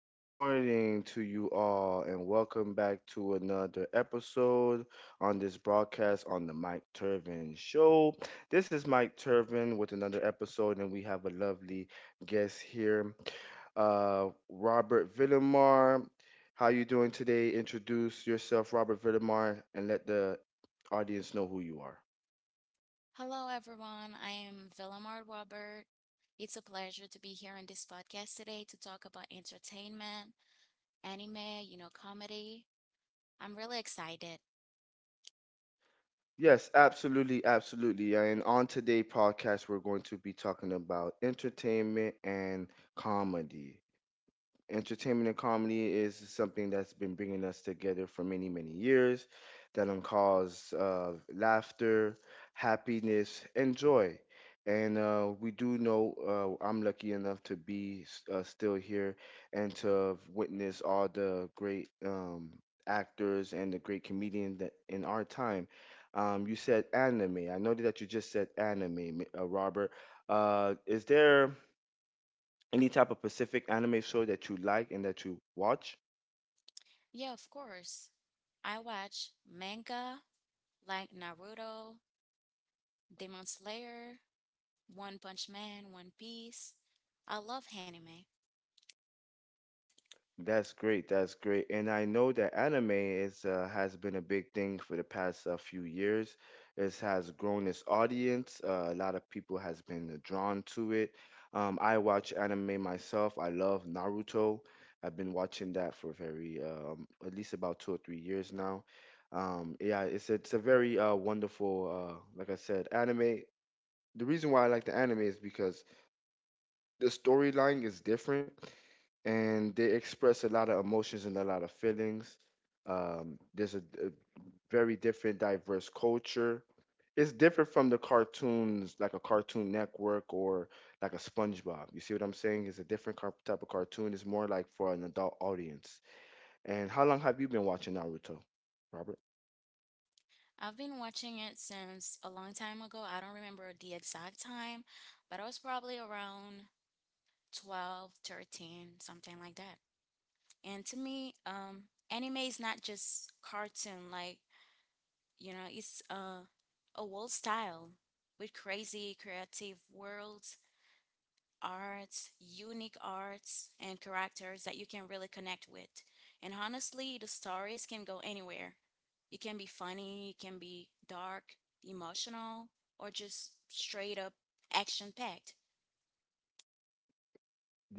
good morning to you all, and welcome back to another episode on this broadcast on the Mike Turvin Show. This is Mike Turvin with another episode, and we have a lovely guest here, Robert Villamar. How you doing today? Introduce yourself, Robert Villamar, and let the audience know who you are. Hello, everyone. I am Villamar Robert. It's a pleasure to be here on this podcast today to talk about entertainment, anime, you know, comedy. I'm really excited. Yes, absolutely, absolutely, yeah. And on today podcast, we're going to be talking about entertainment and comedy. Entertainment and comedy is something that's been bringing us together for many, many years. That can cause laughter, happiness, and joy. And we do know, I'm lucky enough to be still here and to witness all the great actors and the great comedian that in our time. You said anime. I noted that you just said anime, Robert. Is there any type of Pacific anime show that you like and that you watch? Yeah, of course. I watch manga like Naruto, Demon Slayer, One Punch Man, One Piece. I love anime. That's great. That's great. And I know that anime is has been a big thing for the past few years. It has grown its audience. A lot of people has been drawn to it. I watch anime myself. I love Naruto. I've been watching that for very at least about 2 or 3 years now. Yeah, it's a very wonderful, like I said, anime. The reason why I like the anime is because the storyline is different and they express a lot of emotions and a lot of feelings. There's a very different, diverse culture. It's different from the cartoons, like a Cartoon Network or like a SpongeBob. You see what I'm saying? It's a different type of cartoon. It's more like for an adult audience. And how long have you been watching Naruto, Robert? I've been watching it since a long time ago. I don't remember the exact time, but I was probably around 12, 13, something like that. And to me, anime is not just cartoon. Like you know, it's a world style with crazy creative worlds, arts, unique arts, and characters that you can really connect with. And honestly, the stories can go anywhere. It can be funny, it can be dark, emotional, or just straight up action packed.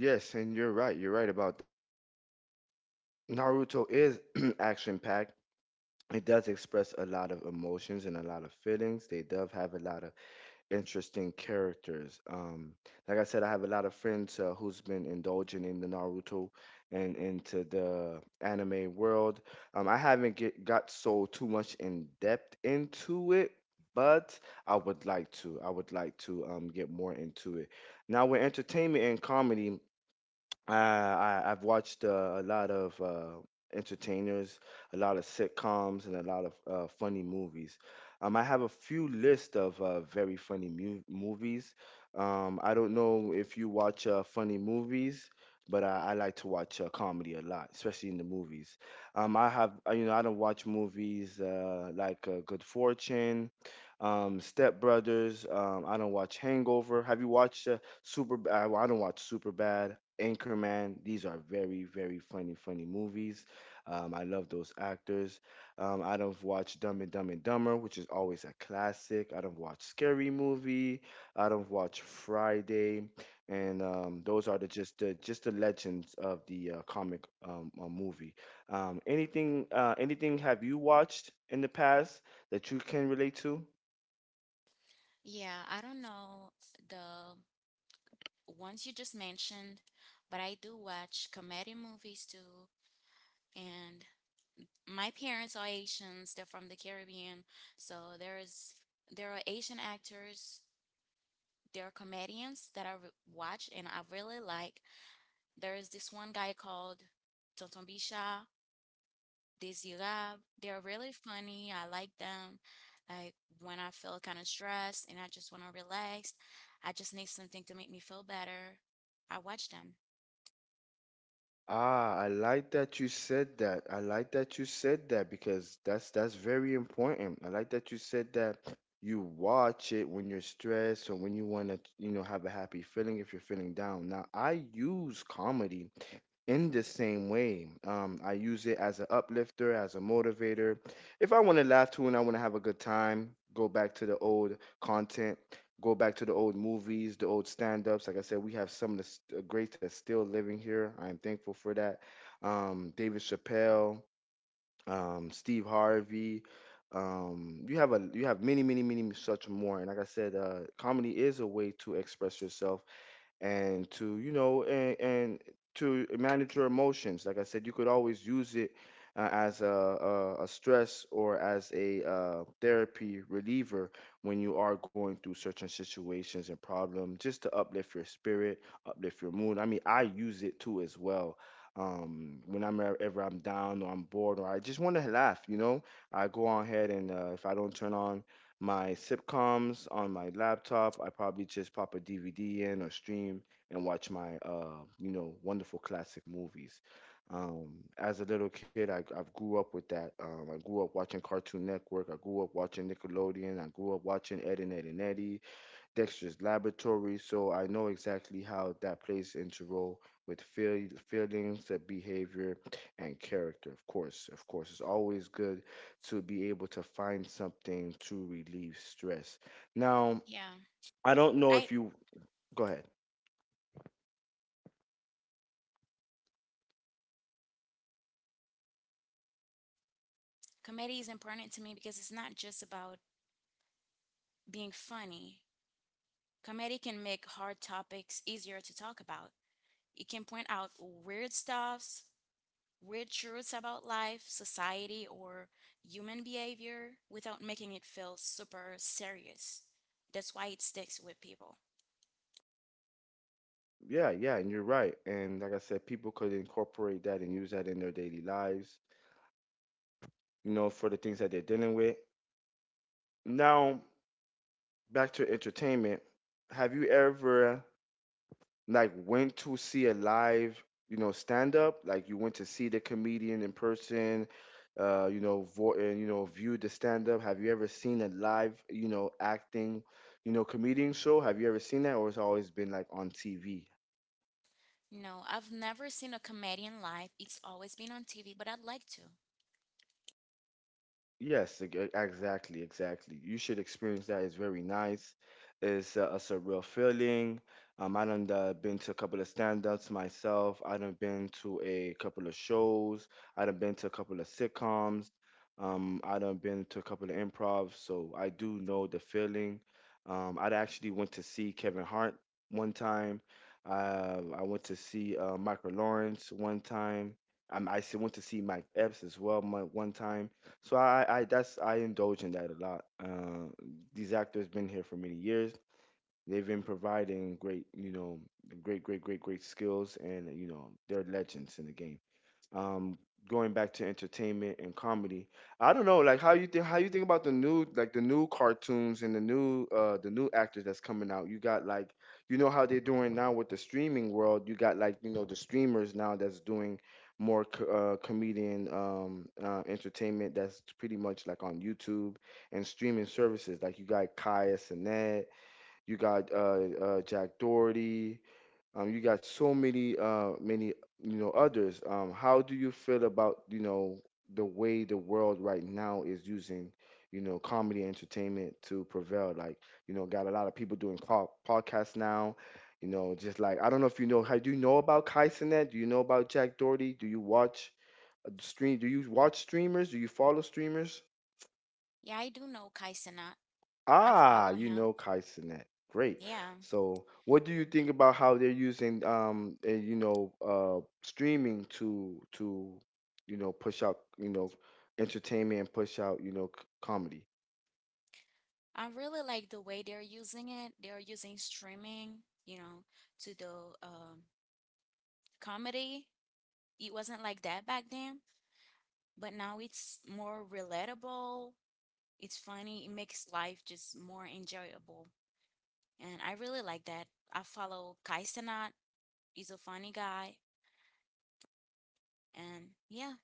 Yes, and you're right. You're right about that. Naruto is action packed. It does express a lot of emotions and a lot of feelings. They does have a lot of interesting characters. Like I said, I have a lot of friends who's been indulging in the Naruto and into the anime world. I haven't got so too much in depth into it, but I would like to. I would like to get more into it. Now, with entertainment and comedy, I've watched a lot of entertainers, a lot of sitcoms, and a lot of funny movies. I have a few list of very funny movies. I don't know if you watch funny movies, but I like to watch comedy a lot, especially in the movies. I have you know I don't watch movies like Good Fortune, Step Brothers. I don't watch Hangover. Have you watched Super? Well, I don't watch Super Bad. Anchorman. These are very, very funny, funny movies. I love those actors. I don't watch Dumb and Dumber, which is always a classic. I don't watch Scary Movie. I don't watch Friday, and those are the just the just the legends of the comic movie. Anything have you watched in the past that you can relate to? Yeah, I don't know the ones you just mentioned, but I do watch comedy movies too. And my parents are Asians, they're from the Caribbean. So there are Asian actors, there are comedians that watch and I really like. There's this one guy called Tonton Bisha, Desirab. They're really funny. I like them. Like when I feel kind of stressed and I just want to relax, I just need something to make me feel better. I watch them. Ah, I like that you said that. I like that you said that because that's very important. I like that you said that you watch it when you're stressed or when you want to, you know, have a happy feeling if you're feeling down. Now, I use comedy in the same way. I use it as an uplifter, as a motivator. If I want to laugh too and I want to have a good time, go back to the old content, go back to the old movies, the old stand ups. Like I said, we have some of the greats that's still living here. I am thankful for that. David Chappelle, Steve Harvey. You have many, many, many such more. And like I said, comedy is a way to express yourself and to you know and to manage your emotions. Like I said, you could always use it as a stress or as a therapy reliever when you are going through certain situations and problems, just to uplift your spirit, uplift your mood. I mean, I use it too as well, when I'm ever I'm down or I'm bored or I just want to laugh, you know. I go on ahead and if I don't turn on my sitcoms on my laptop, I probably just pop a DVD in or stream and watch my you know, wonderful classic movies. Um, as a little kid, I grew up with that. I grew up watching Cartoon Network. I grew up watching Nickelodeon. I grew up watching Ed and Ed and Eddie. Dexter's laboratory, so I know exactly how that plays into role with feelings, the behavior, and character. Of course, it's always good to be able to find something to relieve stress. Now, Yeah. I don't know I if you go ahead. Comedy is important to me because it's not just about being funny. Comedy can make hard topics easier to talk about. It can point out weird stuffs, weird truths about life, society, or human behavior without making it feel super serious. That's why it sticks with people. Yeah, yeah, and you're right. And like I said, people could incorporate that and use that in their daily lives, you know, for the things that they're dealing with. Now, back to entertainment. Have you ever like went to see a live, you know, stand up, like you went to see the comedian in person, you know, and you know, viewed the stand up. Have you ever seen a live, you know, acting, you know, comedian show? Have you ever seen that, or it's always been like on TV? No, I've never seen a comedian live. It's always been on TV, but I'd like to. Yes, exactly, exactly. You should experience that. It's very nice. It's a surreal feeling. I done been to a couple of stand-ups myself. I done been to a couple of shows. I done been to a couple of sitcoms. I done been to a couple of improv. So I do know the feeling. I actually went to see Kevin Hart one time. I went to see Michael Lawrence one time. I went to see Mike Epps as well one time. So I that's I indulge in that a lot. These actors been here for many years. They've been providing great, you know, great, great, great, great skills, and you know, they're legends in the game. um Going back to entertainment and comedy, I don't know like how you think about the new, like the new cartoons and the new actors that's coming out. You got like, you know, how they're doing now with the streaming world. You got like, you know, the streamers now that's doing more comedian entertainment, that's pretty much like on YouTube and streaming services. Like you got Kaya Sinet, you got Jack Doherty, you got so many, many, you know, others. How do you feel about, you know, the way the world right now is using, you know, comedy entertainment to prevail? Like, you know, got a lot of people doing podcasts now. You know, just like I don't know if you know. How do you know about Kai Cenat? Do you know about Jack Doherty? Do you watch stream? Do you watch streamers? Do you follow streamers? Yeah, I do know Kai Cenat. I Ah, follow you him. know Kaizenet. Great. Yeah. So, what do you think about how they're using you know, uh, streaming to you know push out, you know, entertainment and push out, you know, comedy? I really like the way they're using it. They're using streaming, you know, to the um, comedy. It wasn't like that back then, but now it's more relatable. It's funny. It makes life just more enjoyable. And I really like that. I follow Kai Cenat. He's a funny guy. And yeah,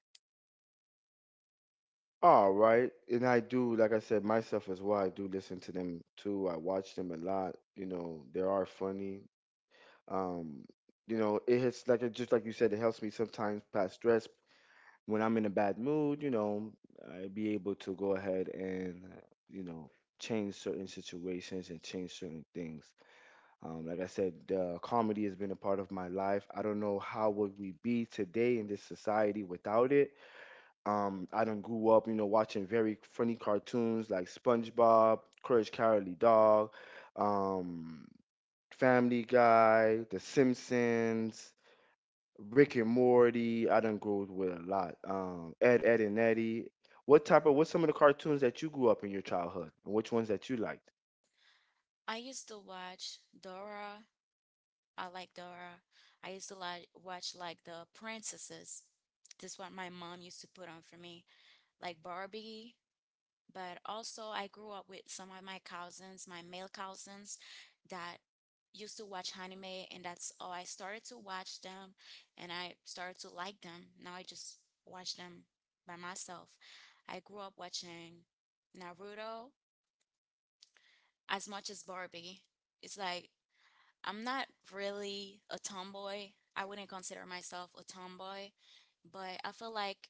All right. And I do, like I said, myself as well. I do listen to them too. I watch them a lot. You know, they are funny. Um, you know, it hits, like it just like you said, it helps me sometimes pass stress when I'm in a bad mood. You know, I be able to go ahead and you know, change certain situations and change certain things. Like I said, comedy has been a part of my life. I don't know how would we be today in this society without it. I done grew up, you know, watching very funny cartoons like SpongeBob, Courage Cowardly Dog, um, Family Guy, The Simpsons. Rick and Morty. I done grew up with a lot. Ed, Ed and Eddie. What's some of the cartoons that you grew up in your childhood, and which ones that you liked? I used to watch Dora. I like Dora. I used to like watch like the princesses. That's what my mom used to put on for me like Barbie. But also, I grew up with some of my cousins, my male cousins, that used to watch anime, and that's all I started to watch them, and I started to like them. Now I just watch them by myself. I grew up watching Naruto as much as Barbie. It's like I'm not really a tomboy. I wouldn't consider myself a tomboy, but I feel like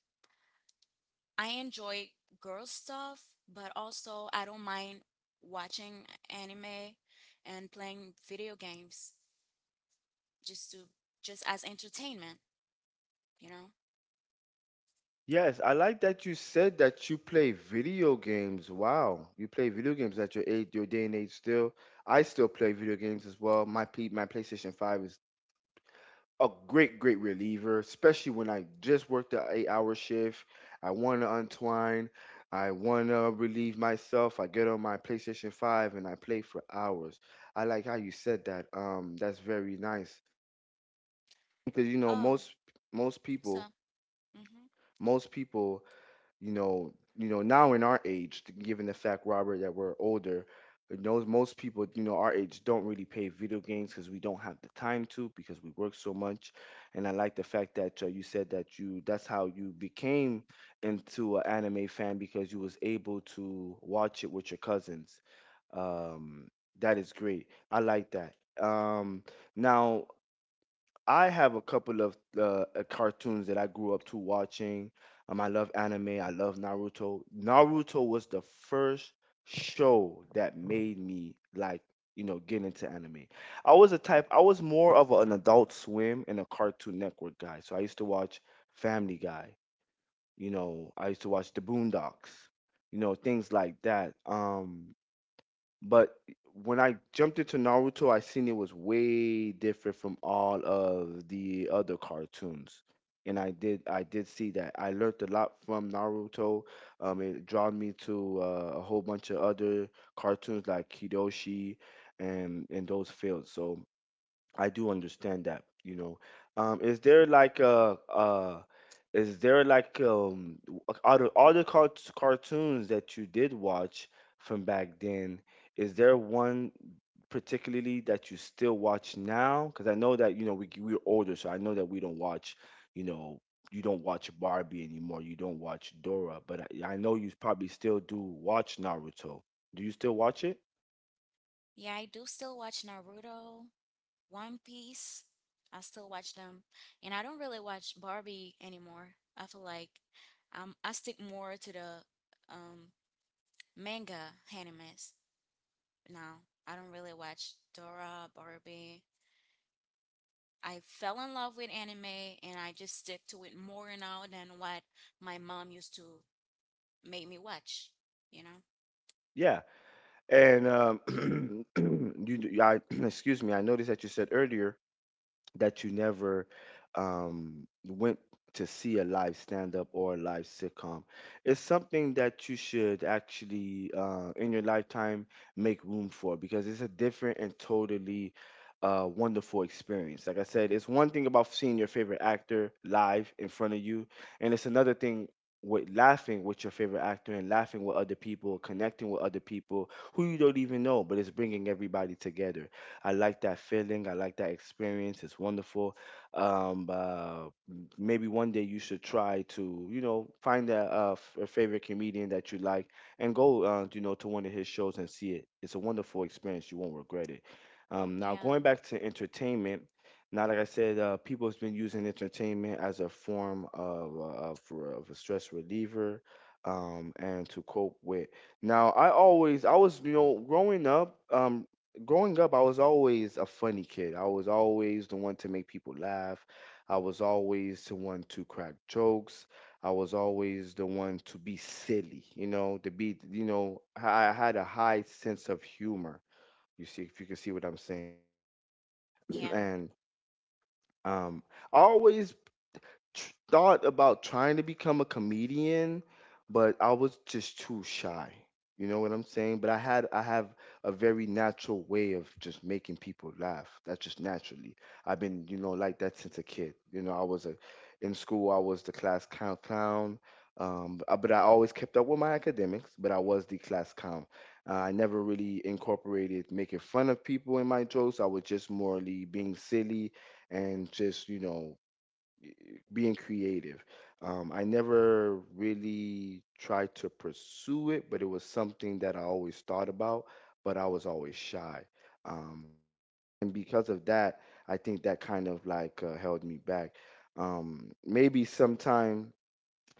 I enjoy girl stuff, but also I don't mind watching anime and playing video games just to just as entertainment, you know? Yes, I like that you said that you play video games. Wow, you play video games at your age, your day and age still. I still play video games as well. My PlayStation 5 is a great, great reliever, especially when I just worked the 8 hour shift. I want to untwine. I want to relieve myself. I get on my PlayStation 5 and I play for hours. I like how you said that. That's very nice because you know Um, most So, people hmm most people now in our age, given the fact, Robert, that we're older, but knows most people, you know, our age don't really play video games because we don't have the time to because we work so much. And I like the fact that you said that you that's how you became into an anime fan because you was able to watch it with your cousins. Um, that is great. I like that. Um, Now I have a couple of cartoons that I grew up to watching. I love anime. I love Naruto. Naruto was the first show that made me like you know get into anime. I was a type. I was more of an Adult Swim and a Cartoon Network guy. So I used to watch Family Guy. You know, I used to watch The Boondocks. You know, things like that. But when I jumped into Naruto, I seen it was way different from all of the other cartoons. And I did see that. I learned a lot from Naruto. It drawn me to a whole bunch of other cartoons like Kidoshi and those fields. So I do understand that, you know. Um, is there like a uh is there like out of all the cartoons that you did watch from back then, is there one particularly that you still watch now? Because I know that, you know, we're older, so I know that we don't watch, you know, you don't watch Barbie anymore, you don't watch Dora, but I know you probably still do watch Naruto. Do you still watch it? yeah, I do still watch Naruto, One Piece. I still watch them, and I don't really watch Barbie anymore. I feel like I stick more to the um, manga animes now. I don't really watch Dora, Barbie. I fell in love with anime and I just stick to it more now than what my mom used to make me watch, you know? Yeah. And excuse me, I noticed that you said earlier that you never went to see a live stand up or a live sitcom. It's something that you should actually, in your lifetime, make room for because it's a different and totally wonderful experience. Like I said, it's one thing about seeing your favorite actor live in front of you, and it's another thing. With laughing with your favorite actor and laughing with other people, connecting with other people who you don't even know, but it's bringing everybody together. I like that feeling. I like that experience. It's wonderful. Maybe one day you should try to, you know, find a favorite comedian that you like and go, you know, to one of his shows and see it. It's a wonderful experience. You won't regret it. Now Yeah, going back to entertainment. Now, like I said, people have been using entertainment as a form of, of, of a stress reliever and to cope with. Now, I was, you know, growing up, I was always a funny kid. I was always the one to make people laugh. I was always the one to crack jokes. I was always the one to be silly, you know, to be, you know, I had a high sense of humor. You see, if you can see what I'm saying. yeah, And um, I always thought about trying to become a comedian, but I was just too shy. You know what I'm saying? But I have a very natural way of just making people laugh. That's just naturally. I've been, you know, like that since a kid. You know, I was a in school I was the class clown. But I always kept up with my academics, but I was the class clown. I never really incorporated making fun of people in my jokes. I was just morally being silly and just, you know, being creative. I never really tried to pursue it, but it was something that I always thought about, but I was always shy. Um, and because of that, I think that kind of like held me back. Maybe sometime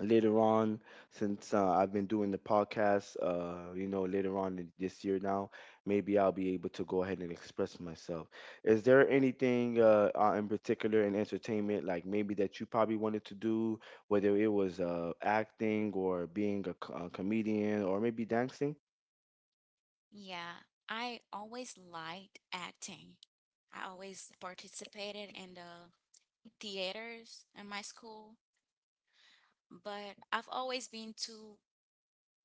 later on since I've been doing the podcast you know later on in this year now maybe I'll be able to go ahead and express myself. Is there anything in particular in entertainment like maybe that you probably wanted to do whether it was acting or being a comedian or maybe dancing? yeah. I always liked acting. I always participated in the theaters in my school, but I've always been too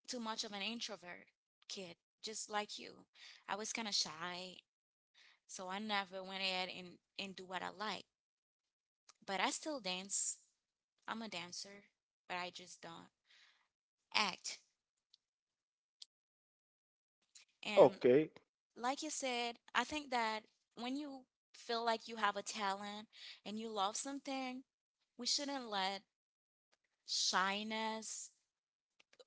too much of an introvert kid, just like you. I was kind of shy, so I never went ahead and do what I liked. But I still dance. I'm a dancer, but I just don't act. And Okay. like you said, I think that when you feel like you have a talent and you love something, we shouldn't let shyness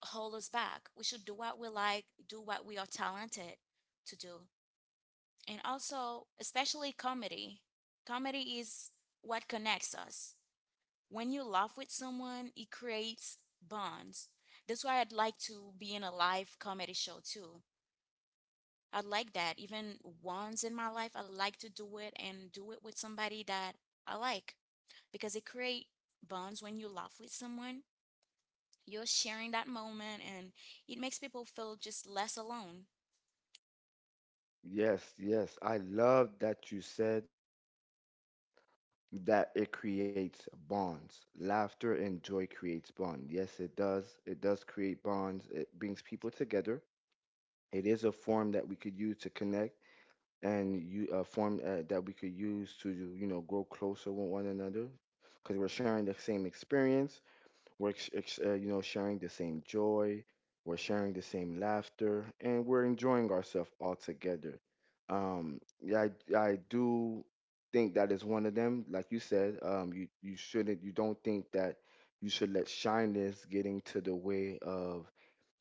hold us back. We should do what we like, do what we are talented to do. And also, especially comedy. Comedy is what connects us. When you laugh with someone, it creates bonds. That's why I'd like to be in a live comedy show too. I like that. Even once in my life, I like to do it and do it with somebody that I like because it creates bonds when you laugh with someone. You're sharing that moment and it makes people feel just less alone. Yes, I love that you said that it creates bonds. Laughter and joy creates bond. Yes, it does. It does create bonds. It brings people together. It is a form that we could use to connect and you a form that we could use to you know grow closer with one another because we're sharing the same experience you know, sharing the same joy. We're sharing the same laughter, and we're enjoying ourselves all together. Yeah, I do think that is one of them. Like you said, you shouldn't, you don't think that you should let shyness get into the way of,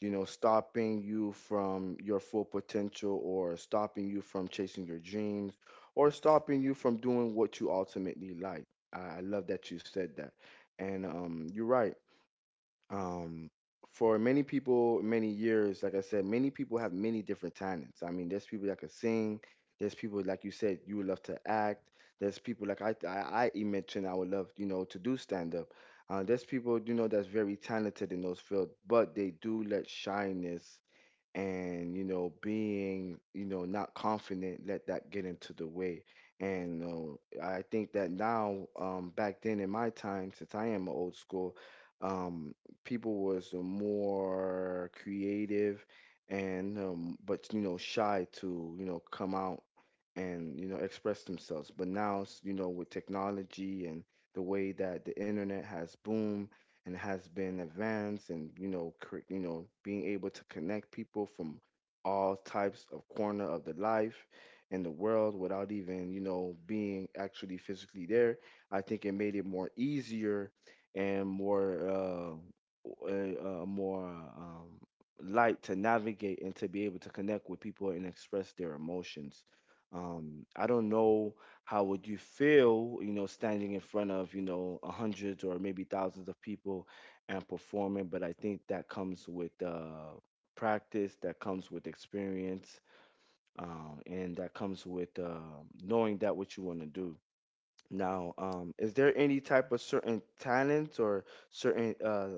you know, stopping you from your full potential, or stopping you from chasing your dreams, or stopping you from doing what you ultimately like. I love that you said that. And you're right. um for many people many years like I said many people have many different talents. I mean there's people that can sing, there's people like you said you would love to act, there's people like I mentioned I would love you know to do stand up. There's people you know that's very talented in those fields but they do let shyness and you know being you know not confident let that get into the way. And I think that now back then in my time since I am old school, um people was more creative and but you know shy to you know come out and you know express themselves. But now you know with technology and the way that the internet has boomed and has been advanced and you know you know being able to connect people from all types of corner of the life in the world without even you know being actually physically there, I think it made it more easier and more more light to navigate and to be able to connect with people and express their emotions. I don't know how would you feel, you know, standing in front of, you know, a hundreds or maybe thousands of people and performing? But I think that comes with practice, that comes with experience, and that comes with knowing that what you want to do. Now, is there any type of certain talents or certain uh,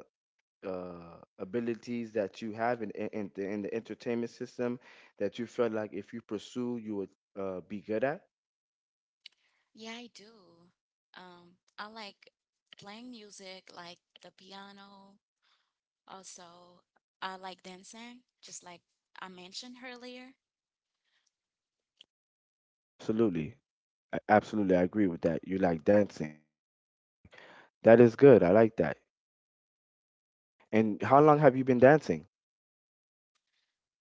uh, abilities that you have in the entertainment system that you felt like if you pursue, you would be good at? Yeah, I do. I like playing music like the piano. Also, I like dancing, just like I mentioned earlier. Absolutely. Absolutely, I agree with that. You like dancing. That is good. I like that. And how long have you been dancing?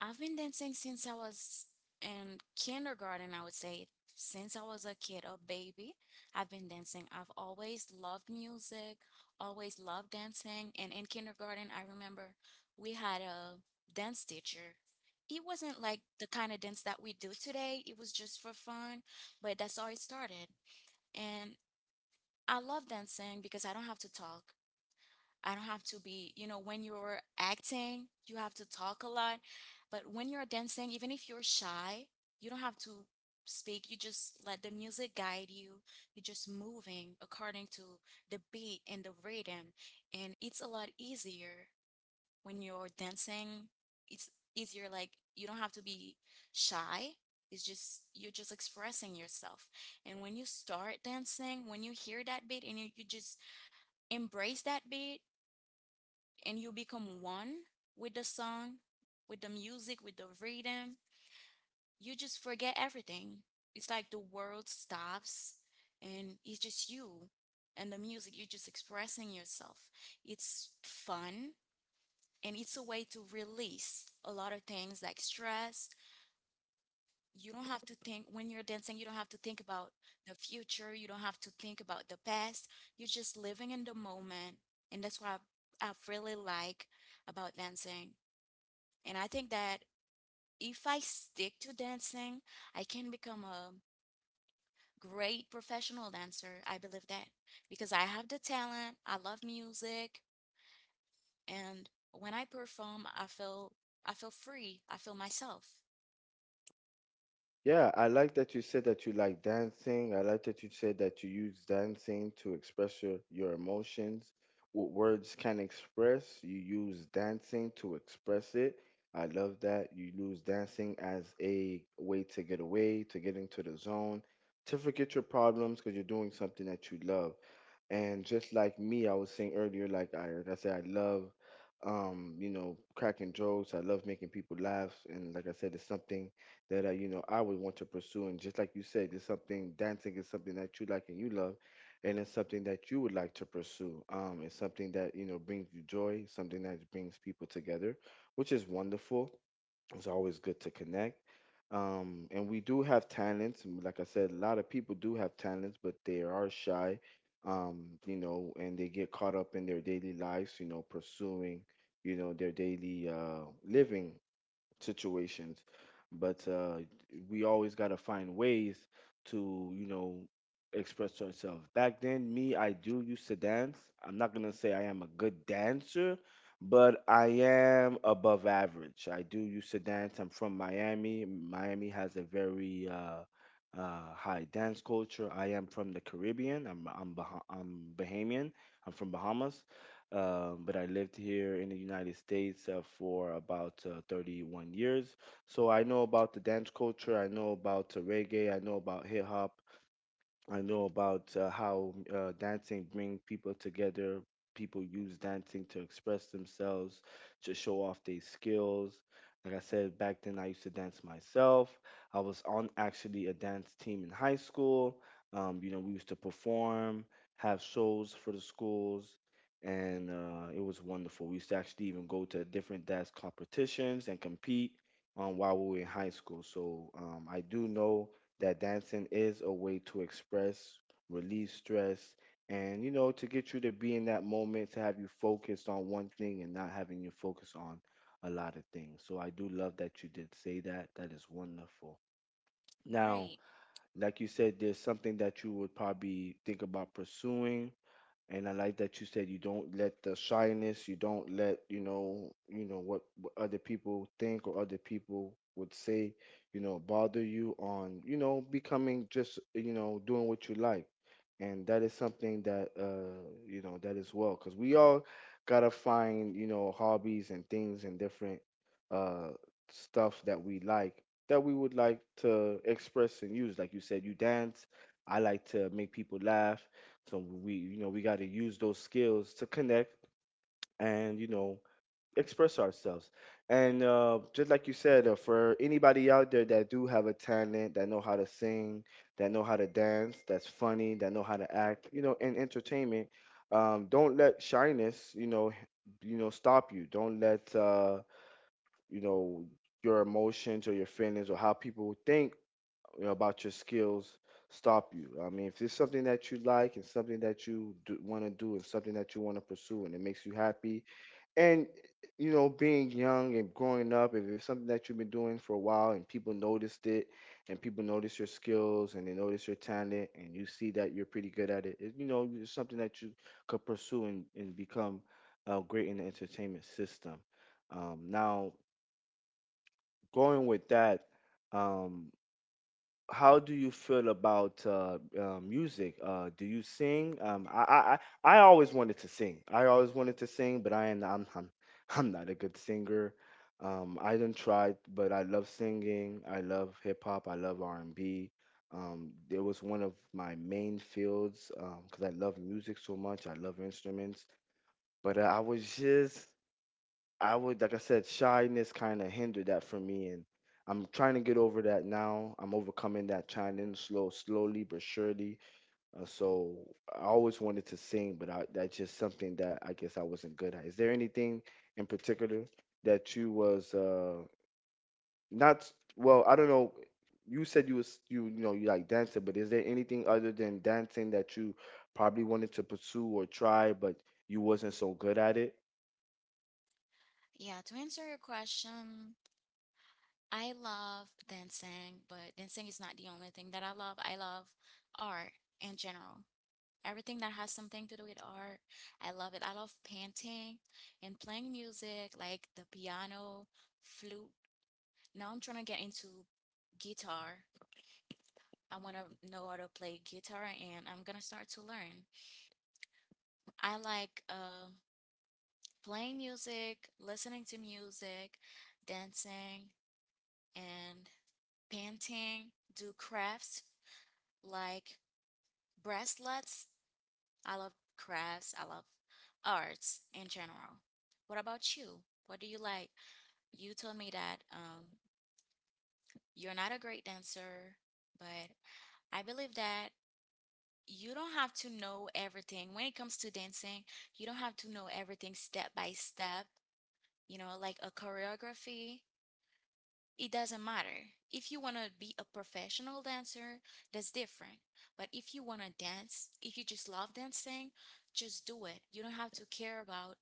I've been dancing since I was in kindergarten, I would say. Since I was a kid, a baby, I've been dancing. I've always loved music, always loved dancing. And in kindergarten, I remember we had a dance teacher. It wasn't like the kind of dance that we do today, it was just for fun, but that's how it started. And I love dancing because I don't have to talk. I don't have to be, you know, when you're acting, you have to talk a lot. But when you're dancing, even if you're shy, you don't have to speak. You just let the music guide you. You're just moving according to the beat and the rhythm. And it's a lot easier when you're dancing. It's easier, like, you don't have to be shy. It's just, you're just expressing yourself. And when you start dancing, when you hear that beat and you just embrace that beat, and you become one with the song, with the music, with the rhythm, you just forget everything. It's like the world stops and it's just you and the music. You're just expressing yourself. It's fun and it's a way to release a lot of things like stress. You don't have to think when you're dancing, you don't have to think about the future, you don't have to think about the past. You're just living in the moment. And that's what I really like about dancing. And I think that if I stick to dancing, I can become a great professional dancer. I believe that because I have the talent, I love music, and when I perform, I feel free. I feel myself. Yeah, I like that you said that you like dancing. I like that you said that you use dancing to express your emotions. What words can express, you use dancing to express it. I love that. You use dancing as a way to get away, to get into the zone, to forget your problems because you're doing something that you love. And just like me, I was saying earlier, like I said, I love, you know, cracking jokes. I love making people laugh, and like I said, it's something that I, you know, I would want to pursue. And just like you said, it's something dancing is something that you like and you love, and it's something that you would like to pursue. It's something that you know brings you joy, something that brings people together, which is wonderful. It's always good to connect. And we do have talents. And Like I said, a lot of people do have talents, but they are shy, you know, and they get caught up in their daily lives, you know, pursuing, you know, their daily living situations. But we always got to find ways to, you know, express ourselves. Back then, me, I do used to dance. I'm not going to say I am a good dancer, but I am above average. I do used to dance. I'm from Miami. Miami has a very high dance culture. I am from the Caribbean. I'm Bahamian. I'm from Bahamas. But I lived here in the United States for about 31 years. So I know about the dance culture. I know about reggae, I know about hip hop, I know about how dancing bring people together. People use dancing to express themselves, to show off their skills. Like I said, back then I used to dance myself. I was on actually a dance team in high school. We used to perform, have shows for the schools, and it was wonderful. We used to actually even go to different dance competitions and compete while we were in high school. So I do know that dancing is a way to express, release stress, and you know, to get you to be in that moment, to have you focused on one thing and not having you focus on a lot of things. So I do love that you did say that. That is wonderful. Now, Great. like you said, there's something that you would probably think about pursuing, and I like that you said you don't let the shyness, you don't let, you know what other people think or other people would say, you know, bother you on, you know, becoming just, you know, doing what you like. And that is something that, you know, that is well, because we all gotta find, you know, hobbies and things and different uh stuff that we like, that we would like to express and use. Like you said, you dance. I like to make people laugh, so we, you know, we got to use those skills to connect and, you know, express ourselves. And just like you said, for anybody out there that do have a talent, that know how to sing, that know how to dance, that's funny, that know how to act, you know, in entertainment, don't let shyness, you know, stop you. Don't let, you know, your emotions or your feelings or how people think, you know, about your skills stop you. I mean, if it's something that you like and something that you do, want to do and something that you want to pursue and it makes you happy, and you know, being young and growing up, if it's something that you've been doing for a while and people noticed it, and people notice your skills and they notice your talent, and you see that you're pretty good at it, it you know, it's something that you could pursue and, become great in the entertainment system. Now, going with that. Um, how do you feel about music? Do you sing? I always wanted to sing. I always wanted to sing, but I'm I'm not a good singer. I didn't try, but I love singing. I love hip hop. I love R and B. It was one of my main fields because I love music so much. I love instruments, but I was just I would, like I said, shyness kind of hindered that for me, and I'm trying to get over that now. I'm overcoming that challenge slowly but surely. So I always wanted to sing, but that's just something that I guess I wasn't good at. Is there anything in particular that you was not well? I don't know. You said you know you like dancing, but is there anything other than dancing that you probably wanted to pursue or try, but you wasn't so good at it? Yeah, to answer your question, I love dancing, but dancing is not the only thing that I love. I love art in general. Everything that has something to do with art, I love it. I love painting and playing music, like the piano, flute. Now I'm trying to get into guitar. I want to know how to play guitar and I'm going to start to learn. I like playing music, listening to music, dancing, and painting, do crafts like bracelets. I love crafts, I love arts in general. What about you? What do you like? You told me that you're not a great dancer, but I believe that you don't have to know everything when it comes to dancing. You don't have to know everything step by step, you know, like a choreography. It doesn't matter. If you want to be a professional dancer, that's different. But if you want to dance, if you just love dancing, just do it. You don't have to care about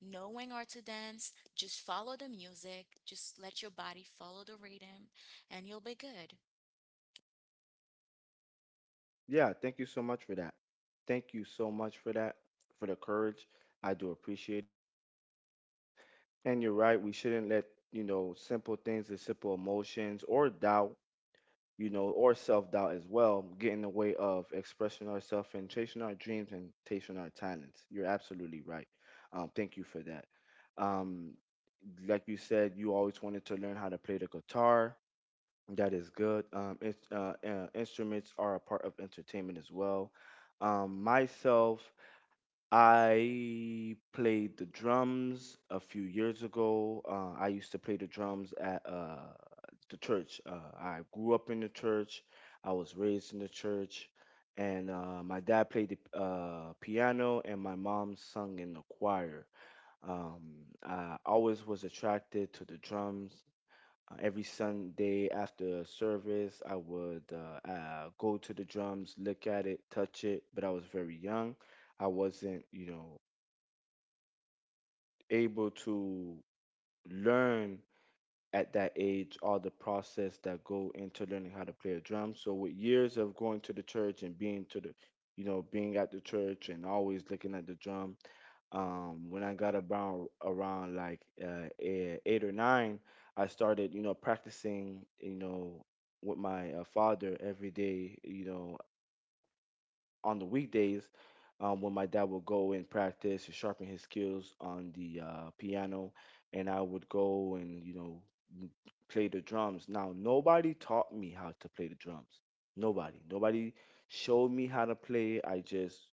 knowing or to dance, just follow the music, just let your body follow the rhythm, and you'll be good. Yeah, thank you so much for that. Thank you so much for that, for the courage. I do appreciate it. And you're right, we shouldn't let, you know, simple things and simple emotions or doubt, you know, or self doubt as well get in the way of expressing ourselves and chasing our dreams and chasing our talents. You're absolutely right. Thank you for that. Um, like you said, you always wanted to learn how to play the guitar. That is good. Instruments are a part of entertainment as well. Myself, I played the drums a few years ago. I used to play the drums at the church. I grew up in the church. I was raised in the church, and my dad played the piano, and my mom sung in the choir. Um, I always was attracted to the drums. Every Sunday after service, I would go to the drums, look at it, touch it, but I was very young. I wasn't, you know, able to learn at that age all the process that go into learning how to play a drum. So with years of going to the church and being to the, you know, being at the church and always looking at the drum, when I got about around like eight or nine, I started, you know, practicing, you know, with my father every day, you know, on the weekdays, when my dad would go and practice and sharpen his skills on the piano, and I would go and, you know, m- play the drums. Now, nobody taught me how to play the drums. Nobody. Nobody showed me how to play. I just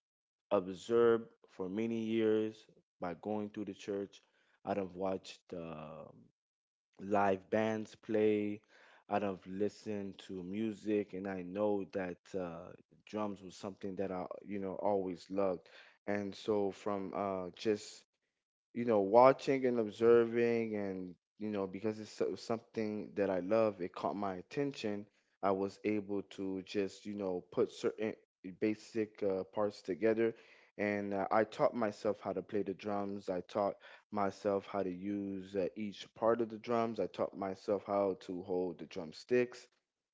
observed for many years by going to the church. I done watched live bands play. I done listened to music, and I know that drums was something that I, you know, always loved. And so from just you know, watching and observing, and you know, because it's something that I love, it caught my attention. I was able to just, you know, put certain basic parts together, and I taught myself how to play the drums. I taught myself how to use each part of the drums. I taught myself how to hold the drumsticks.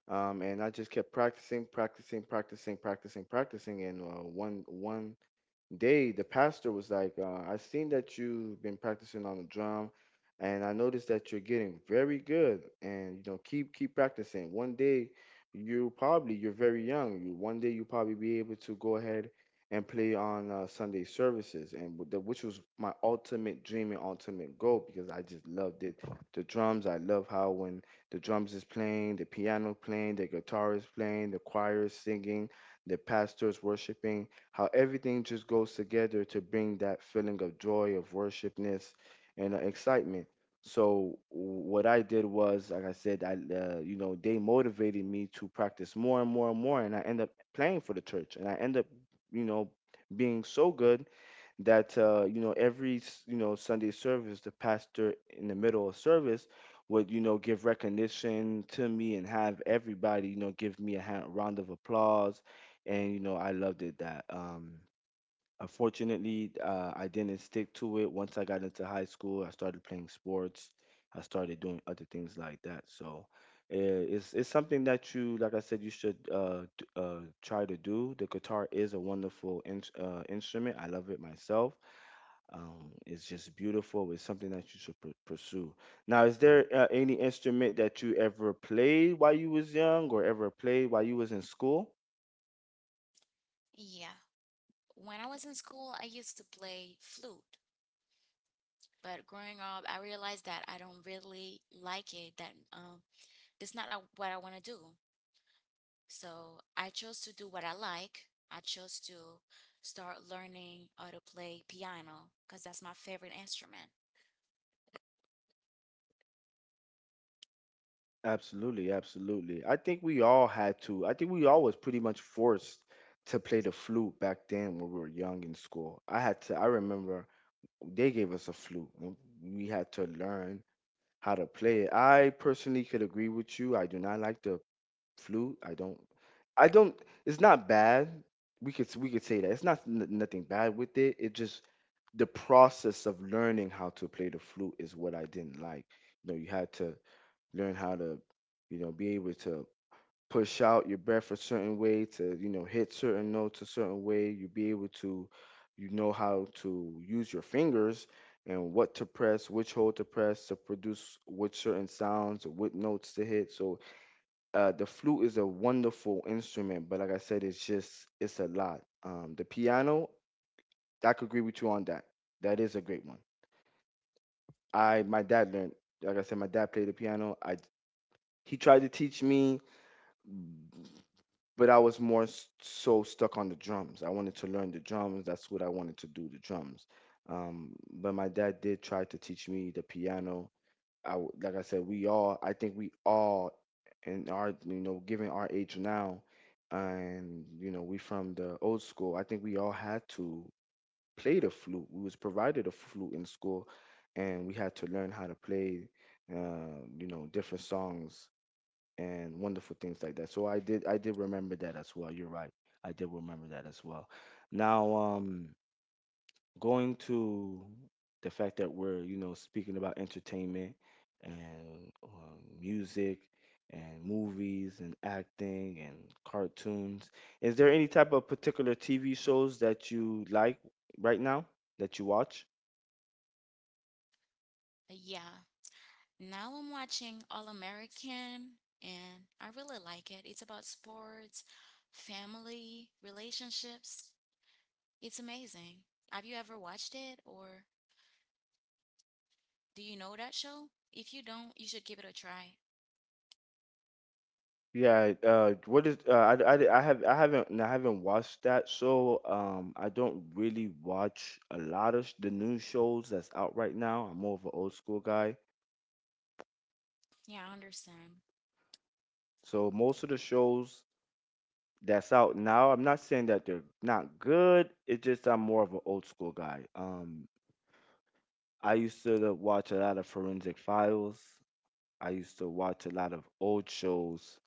And I just kept practicing, practicing, practicing, practicing, practicing, and one one they the pastor was like I seen that you've been practicing on the drum, and I noticed that you're getting very good, and you know keep practicing, one day you probably you're very young you one day you probably be able to go ahead and play on Sunday services and which was my ultimate dream and ultimate goal because I just loved it, the drums. I love how when the drums is playing, the piano playing, the guitar is playing, the choir is singing, the pastor is worshiping, how everything just goes together to bring that feeling of joy, of worshipness, and excitement. So what I did was, like I said, I you know they motivated me to practice more and more and more, and I end up playing for the church, and I end up you know being so good that you know every you know Sunday service, the pastor in the middle of service would you know give recognition to me and have everybody you know give me a hand, round of applause, and you know I loved it that. Unfortunately, I didn't stick to it. Once I got into high school, I started playing sports. I started doing other things like that. So it's something that you, like I said, you should try to do. The guitar is a wonderful instrument. I love it myself. It's just beautiful. It's something that you should pursue. Now, is there any instrument that you ever played while you was young, or ever played while you was in school? Yeah. When I was in school, I used to play flute, but growing up, I realized that I don't really like it, that that's not a- what I want to do. So I chose to do what I like. I chose to start learning how to play piano because that's my favorite instrument. Absolutely, absolutely. I think we all had to. I think we all was pretty much forced to play the flute back then when we were young in school. I had to. I remember they gave us a flute, and we had to learn how to play it. I personally could agree with you. I do not like the flute. I don't. I don't. It's not bad. We could say that it's nothing bad with it. It just the process of learning how to play the flute is what I didn't like. You know, you had to learn how to, you know, be able to push out your breath a certain way to, you know, hit certain notes a certain way. You be able to, you know, how to use your fingers and what to press, which hole to press to produce which certain sounds or what notes to hit. So the flute is a wonderful instrument, but like I said, it's just it's a lot. The piano, I could agree with you on that. That is a great one. I My dad learned, like I said, my dad played the piano. I he tried to teach me, but I was more so stuck on the drums. I wanted to learn the drums. That's what I wanted to do, the drums. But my dad did try to teach me the piano. Like I said, I think we all, in our, you know, given our age now, and you know, we from the old school. I think we all had to play the flute. We was provided a flute in school, and we had to learn how to play, you know, different songs and wonderful things like that. So I did remember that as well. You're right. I did remember that as well. Now, going to the fact that we're, you know, speaking about entertainment and music and movies and acting and cartoons, is there any type of particular TV shows that you like right now that you watch? Yeah, now I'm watching All American and I really like it. It's about sports, family, relationships. It's amazing. Have you ever watched it or do you know that show? If you don't, you should give it a try. Yeah, what is I have I haven't watched that, so I don't really watch a lot of the new shows that's out right now. I'm more of an old school guy, Yeah, I understand. so most of the shows that's out now, I'm not saying that they're not good. It's just I'm more of an old school guy. I used to watch a lot of Forensic Files. I used to watch a lot of old shows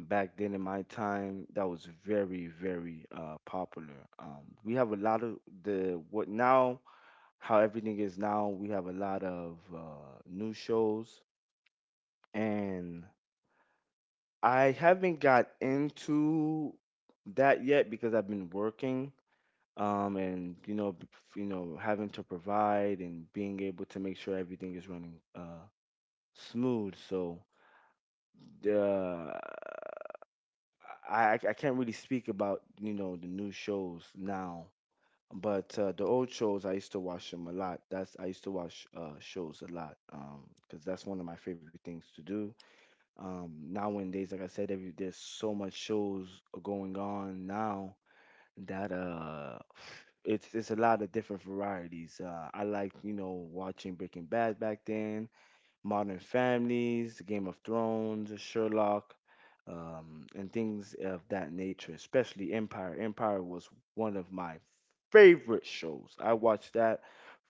back then in my time that was very very popular. We have a lot of the what now, how everything is now. We have a lot of new shows, and I haven't got into that yet because I've been working, and you know, you know, having to provide and being able to make sure everything is running smooth. So the I can't really speak about, you know, the new shows now. But the old shows, I used to watch them a lot. That's I used to watch shows a lot because that's one of my favorite things to do. Nowadays, like I said, there's so much shows going on now that it's a lot of different varieties. I like, you know, watching Breaking Bad back then, Modern Families, Game of Thrones, Sherlock, and things of that nature, especially Empire. Empire was one of my favorite shows. I watched that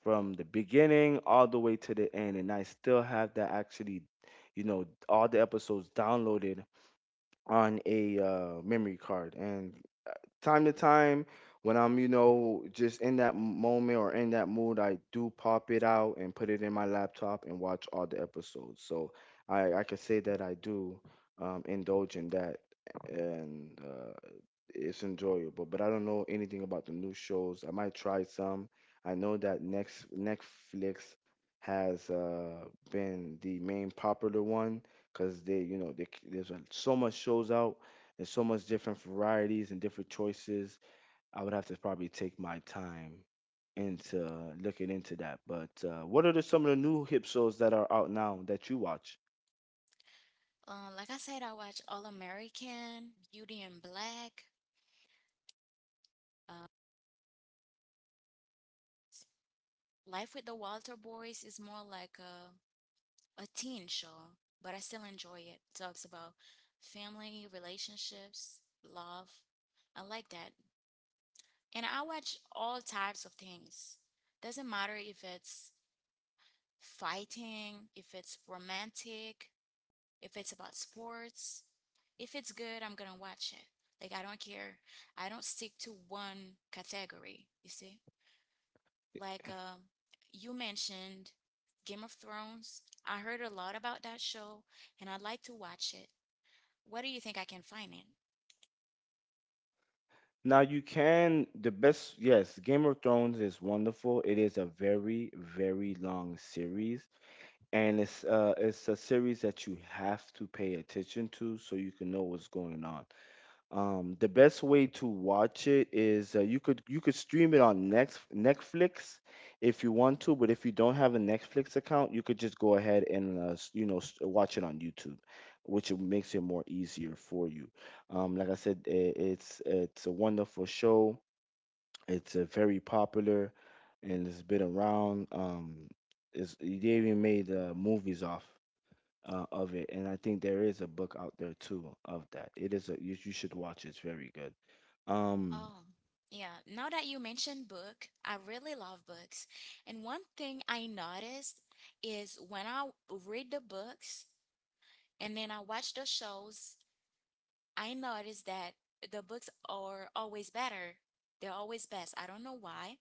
from the beginning all the way to the end, and I still have that actually, you know, all the episodes downloaded on a memory card. And time to time when I'm, you know, just in that moment or in that mood, I do pop it out and put it in my laptop and watch all the episodes. So I could say that I do indulge in that, and it's enjoyable, but I don't know anything about the new shows. I might try some. I know that next Netflix has been the main popular one because they, you know, they, c- there's so much shows out and so much different varieties and different choices. I would have to probably take my time into looking into that. But what are some of the new hip shows that are out now that you watch? Like I said, I watch All American, Beauty and Black. uh, Life with the Walter Boys is more like a teen show, but I still enjoy it. Talks about family, relationships, love. I like that. And I watch all types of things. Doesn't matter if it's fighting, if it's romantic, if it's about sports. If it's good, I'm gonna watch it. Like I don't care. I don't stick to one category, you see? Like you mentioned, Game of Thrones. I heard a lot about that show and I'd like to watch it. Where do you think I can find it? Now you can the best Yes, Game of Thrones is wonderful. It is a very very long series, and it's a series that you have to pay attention to so you can know what's going on. The best way to watch it is you could stream it on Next Netflix if you want to, but if you don't have a Netflix account, you could just go ahead and you know, watch it on YouTube, which it makes it more easier for you. Like I said, I it's a wonderful show. It's very popular, and it's been around. They even made movies off of it, and I think there is a book out there too of that. It is a you should It's very good. Um, Oh, yeah. Now that you mentioned book, I really love books. And one thing I noticed is when I read the books and then I watch the shows, I notice that the books are always better. They're always best. I don't know why,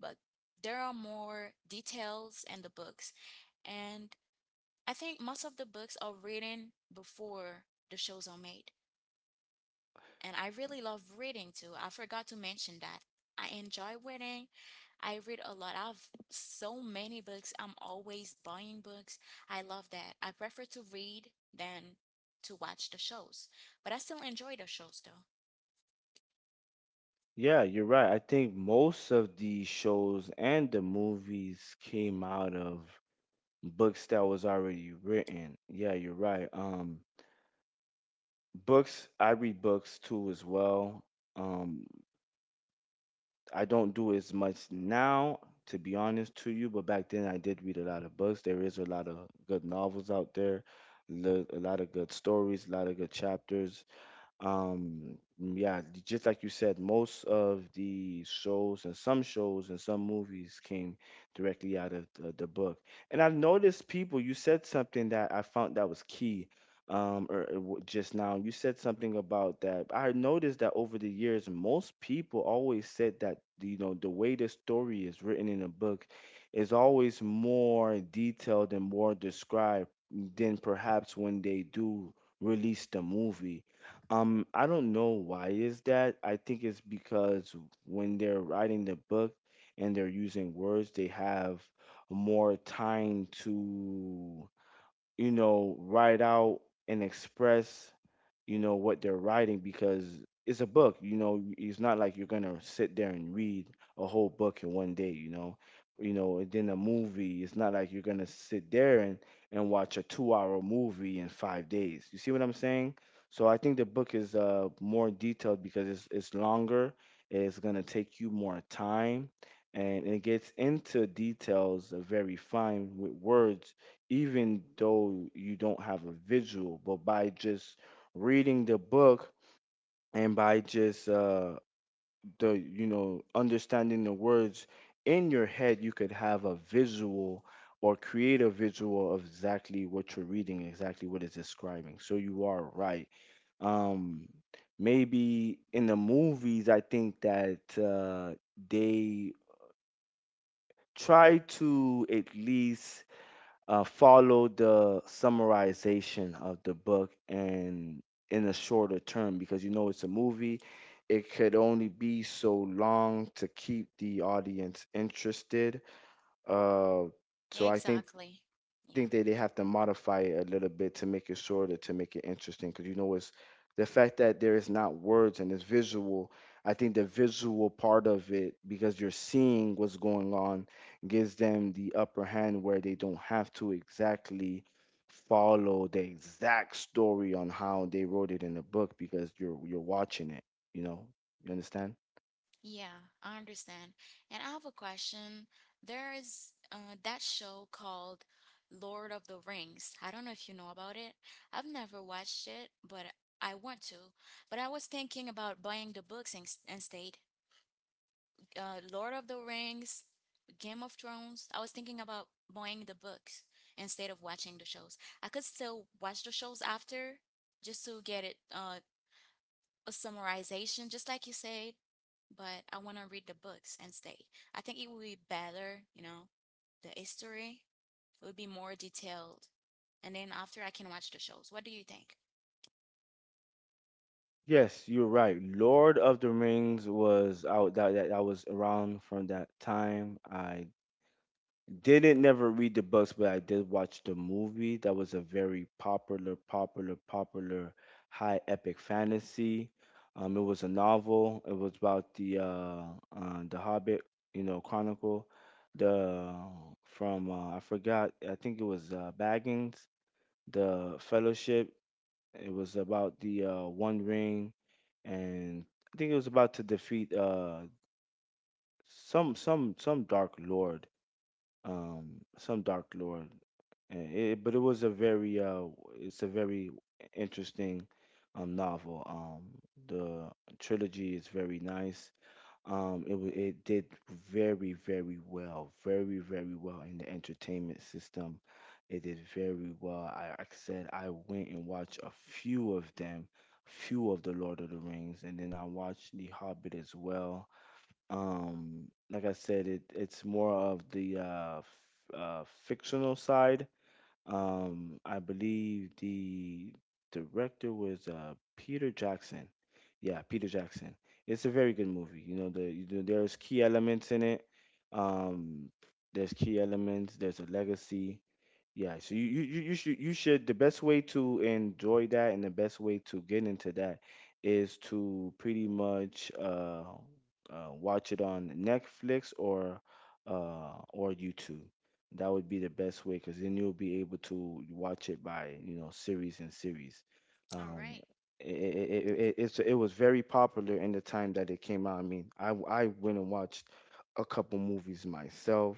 but there are more details in the books. And I think most of the books are written before the shows are made. And I really love reading too. I forgot to mention that. I enjoy reading. I read a lot. I have so many books. I'm always buying books. I love that. I prefer to read than to watch the shows. But I still enjoy the shows though. yeah, you're right. I think most of the shows and the movies came out of books that was already written. Yeah, you're right. Books. I read books too as well. Um, I don't do as much now, to be honest to you, but back then I did read a lot of books. There is a lot of good novels out there, a lot of good stories, a lot of good chapters. Yeah, just like you said, most of the shows and some movies came directly out of the book. And I've noticed people, you said something that I found that was key. Just now, you said something about that. I noticed that over the years, most people always said that, you know, the way the story is written in a book is always more detailed and more described than perhaps when they do release the movie. I don't know why is that. I think it's because when they're writing the book and they're using words, they have more time to, you know, write out and express, you know, what they're writing, because it's a book. You know, it's not like you're gonna sit there and read a whole book in one day, you know. You know, and then a movie, it's not like you're gonna sit there and watch a 2 hour movie in 5 days. You see what I'm saying? So I think the book is more detailed because it's longer. It's gonna take you more time, and it gets into details very fine with words. Even though you don't have a visual, but by just reading the book, and by just the you know, understanding the words in your head, you could have a visual or create a visual of exactly what you're reading, exactly what it's describing. So you are right. Um, Maybe in the movies, I think that they try to at least follow the summarization of the book, and in a shorter term, because you know it's a movie. It could only be so long to keep the audience interested. Uh, Yeah, so I exactly. Yeah. think that they have to modify it a little bit to make it shorter, to make it interesting, because you know, it's the fact that there is not words and it's visual. I think the visual part of it, because you're seeing what's going on, gives them the upper hand, where they don't have to exactly follow the exact story on how they wrote it in the book, because you're watching it. You know, you understand. Yeah, I understand. And I have a question. There is that show called Lord of the Rings. I don't know if you know about it. I've never watched it, but I want to. But I was thinking about buying the books in instead. Lord of the Rings, Game of Thrones. I was thinking about buying the books instead of watching the shows. I could still watch the shows after just to get it a summarization, just like you said, but I want to read the books and stay. I think it would be better, you know, the history would be more detailed. And then after I can watch the shows. What do you think? Yes, you're right. Lord of the Rings was out that was around from that time. I Didn't never read the books, but I did watch the movie. That was a very popular, popular, popular high epic fantasy. It was a novel. It was about the Hobbit, you know, Chronicle. The from I forgot. I think it was Baggins. The Fellowship. It was about the One Ring, and I think it was about to defeat some Dark Lord, some Dark Lord. And It, but it was a very it's a very interesting novel. The trilogy is very nice. It did very very well, very very well in the entertainment system. It did very well. Like I said, I went and watched a few of them, few of the Lord of the Rings, and then I watched The Hobbit as well. Like I said, it's more of the fictional side. I believe the director was Peter Jackson. Yeah, Peter Jackson. It's a very good movie. You know, there's key elements in it. um there's key elements, there's a legacy. Yeah, so you should, the best way to enjoy that and the best way to get into that is to pretty much watch it on Netflix or YouTube. That would be the best way, because then you'll be able to watch it by, you know, series and series. All Um, right. it it, it was very popular in the time that it came out. I mean, I went and watched a couple movies myself,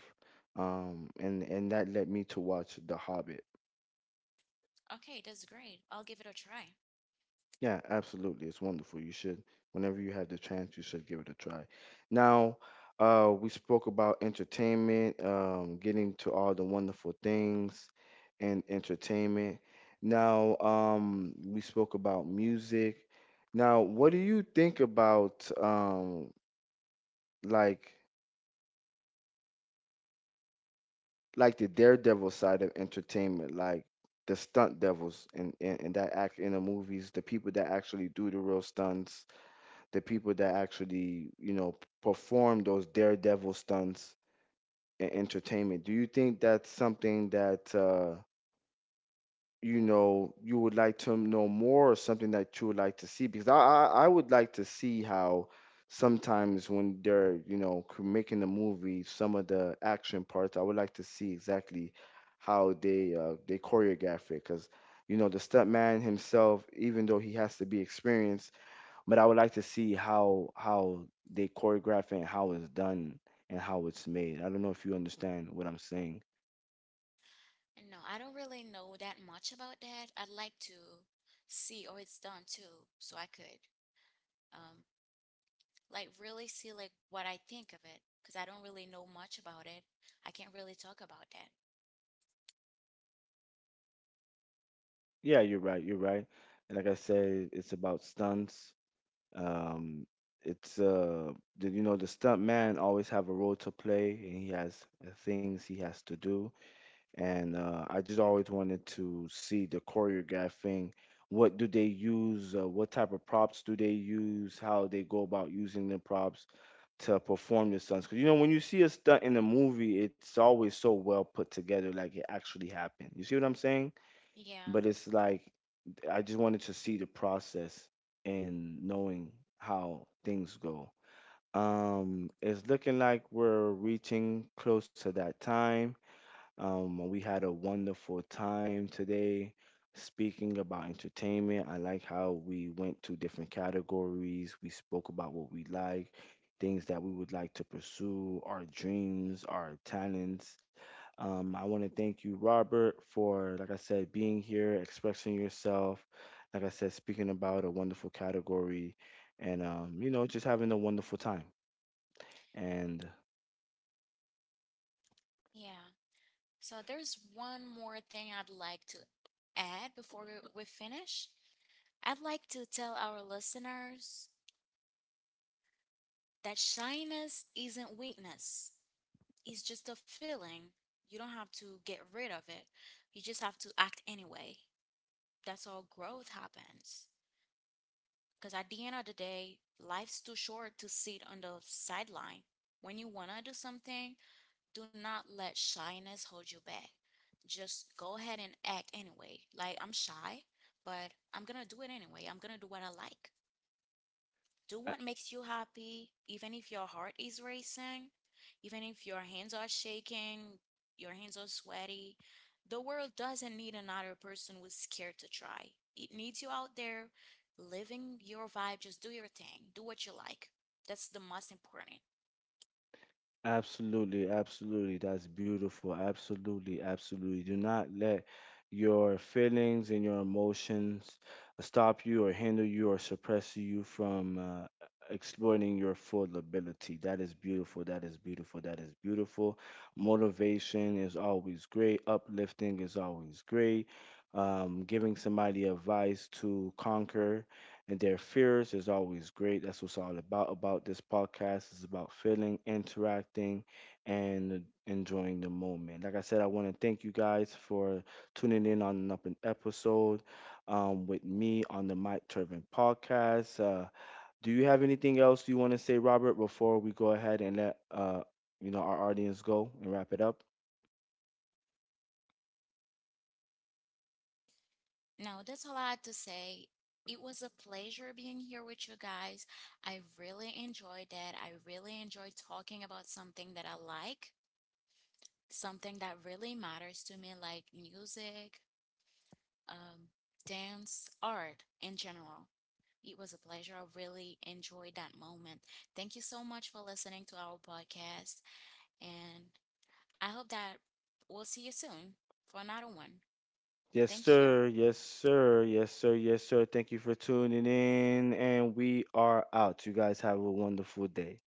and that led me to watch The Hobbit. Okay, that's great. I'll give it a try. Yeah, absolutely, it's wonderful. You should, whenever you have the chance, you should give it a try. Now, we spoke about entertainment, getting to all the wonderful things and entertainment. Now, we spoke about music. Now, what do you think about like? like the daredevil side of entertainment, like the stunt devils in that act in the movies, the people that actually do the real stunts, the people that actually, you know, perform those daredevil stunts in entertainment? Do you think that's something that you know, you would like to know more, or something that you would like to see? Because I would like to see how sometimes when they're, you know, making the movie, some of the action parts, I would like to see exactly how they choreograph it. Because you know, the stuntman himself, even though he has to be experienced, but I would like to see how they choreograph it, and how it's done, and how it's made. I don't know if you understand what I'm saying. No, I don't really know that much about that. I'd like to see how it's done too, so I could um like really see like what I think of it because I don't really know much about it. I can't really talk about that. Yeah, you're right. You're right. And like I said, it's about stunts. Um, it's uh, you know, the stunt man always have a role to play, and he has things he has to do. And I just always wanted to see the choreographing. What do they use? What type of props do they use? How they go about using the props to perform the stunts? Because you know, when you see a stunt in a movie, it's always so well put together, like it actually happened. You see what I'm saying? Yeah, But it's like I just wanted to see the process and knowing how things go. It's looking like we're reaching close to that time. We had a wonderful time today speaking about entertainment. I like how we went to different categories. We spoke about what we like, things that we would like to pursue, our dreams, our talents. I want to thank you, Robert, for, like I said, being here, expressing yourself. Like I said, speaking about a wonderful category, and, you know, just having a wonderful time. And yeah. So there's one more thing I'd like to add before we finish. I'd like to tell our listeners that shyness isn't weakness, it's just a feeling. You don't have to get rid of it, you just have to act anyway. That's how growth happens. Because at the end of the day, life's too short to sit on the sideline. When you want to do something, do not let shyness hold you back. Just go ahead and act anyway. Like, I'm shy, but I'm gonna do it anyway. I'm gonna do what I like. Do what makes you happy, even if your heart is racing, even if your hands are shaking, your hands are sweaty. The world doesn't need another person who's scared to try. It needs you out there living your vibe. Just do your thing, do what you like. That's the most important. Absolutely, absolutely. That's beautiful. Absolutely, absolutely. Do not let your feelings and your emotions stop you, or hinder you, or suppress you from exploiting your full ability. That is beautiful. That is beautiful. That is beautiful. Motivation is always great. Uplifting is always great. Giving somebody advice to conquer and their fears is always great. That's what's all about this podcast. It's about feeling, interacting, and enjoying the moment. Like I said, I want to thank you guys for tuning in on an up an episode with me on the Mike Turbin podcast. Do you have anything else you want to say, Robert, before we go ahead and let you know, our audience go and wrap it up? No, that's all I had to say. It was a pleasure being here with you guys. I really enjoyed that. I really enjoyed talking about something that I like, something that really matters to me, like music, um, dance, art in general. It was a pleasure. I really enjoyed that moment. Thank you so much for listening to our podcast, and I hope that we'll see you soon for another one. Yes, Thank you. sir. Yes, sir. Yes, sir. Yes, sir. Thank you for tuning in. And we are out. You guys have a wonderful day.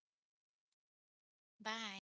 Bye.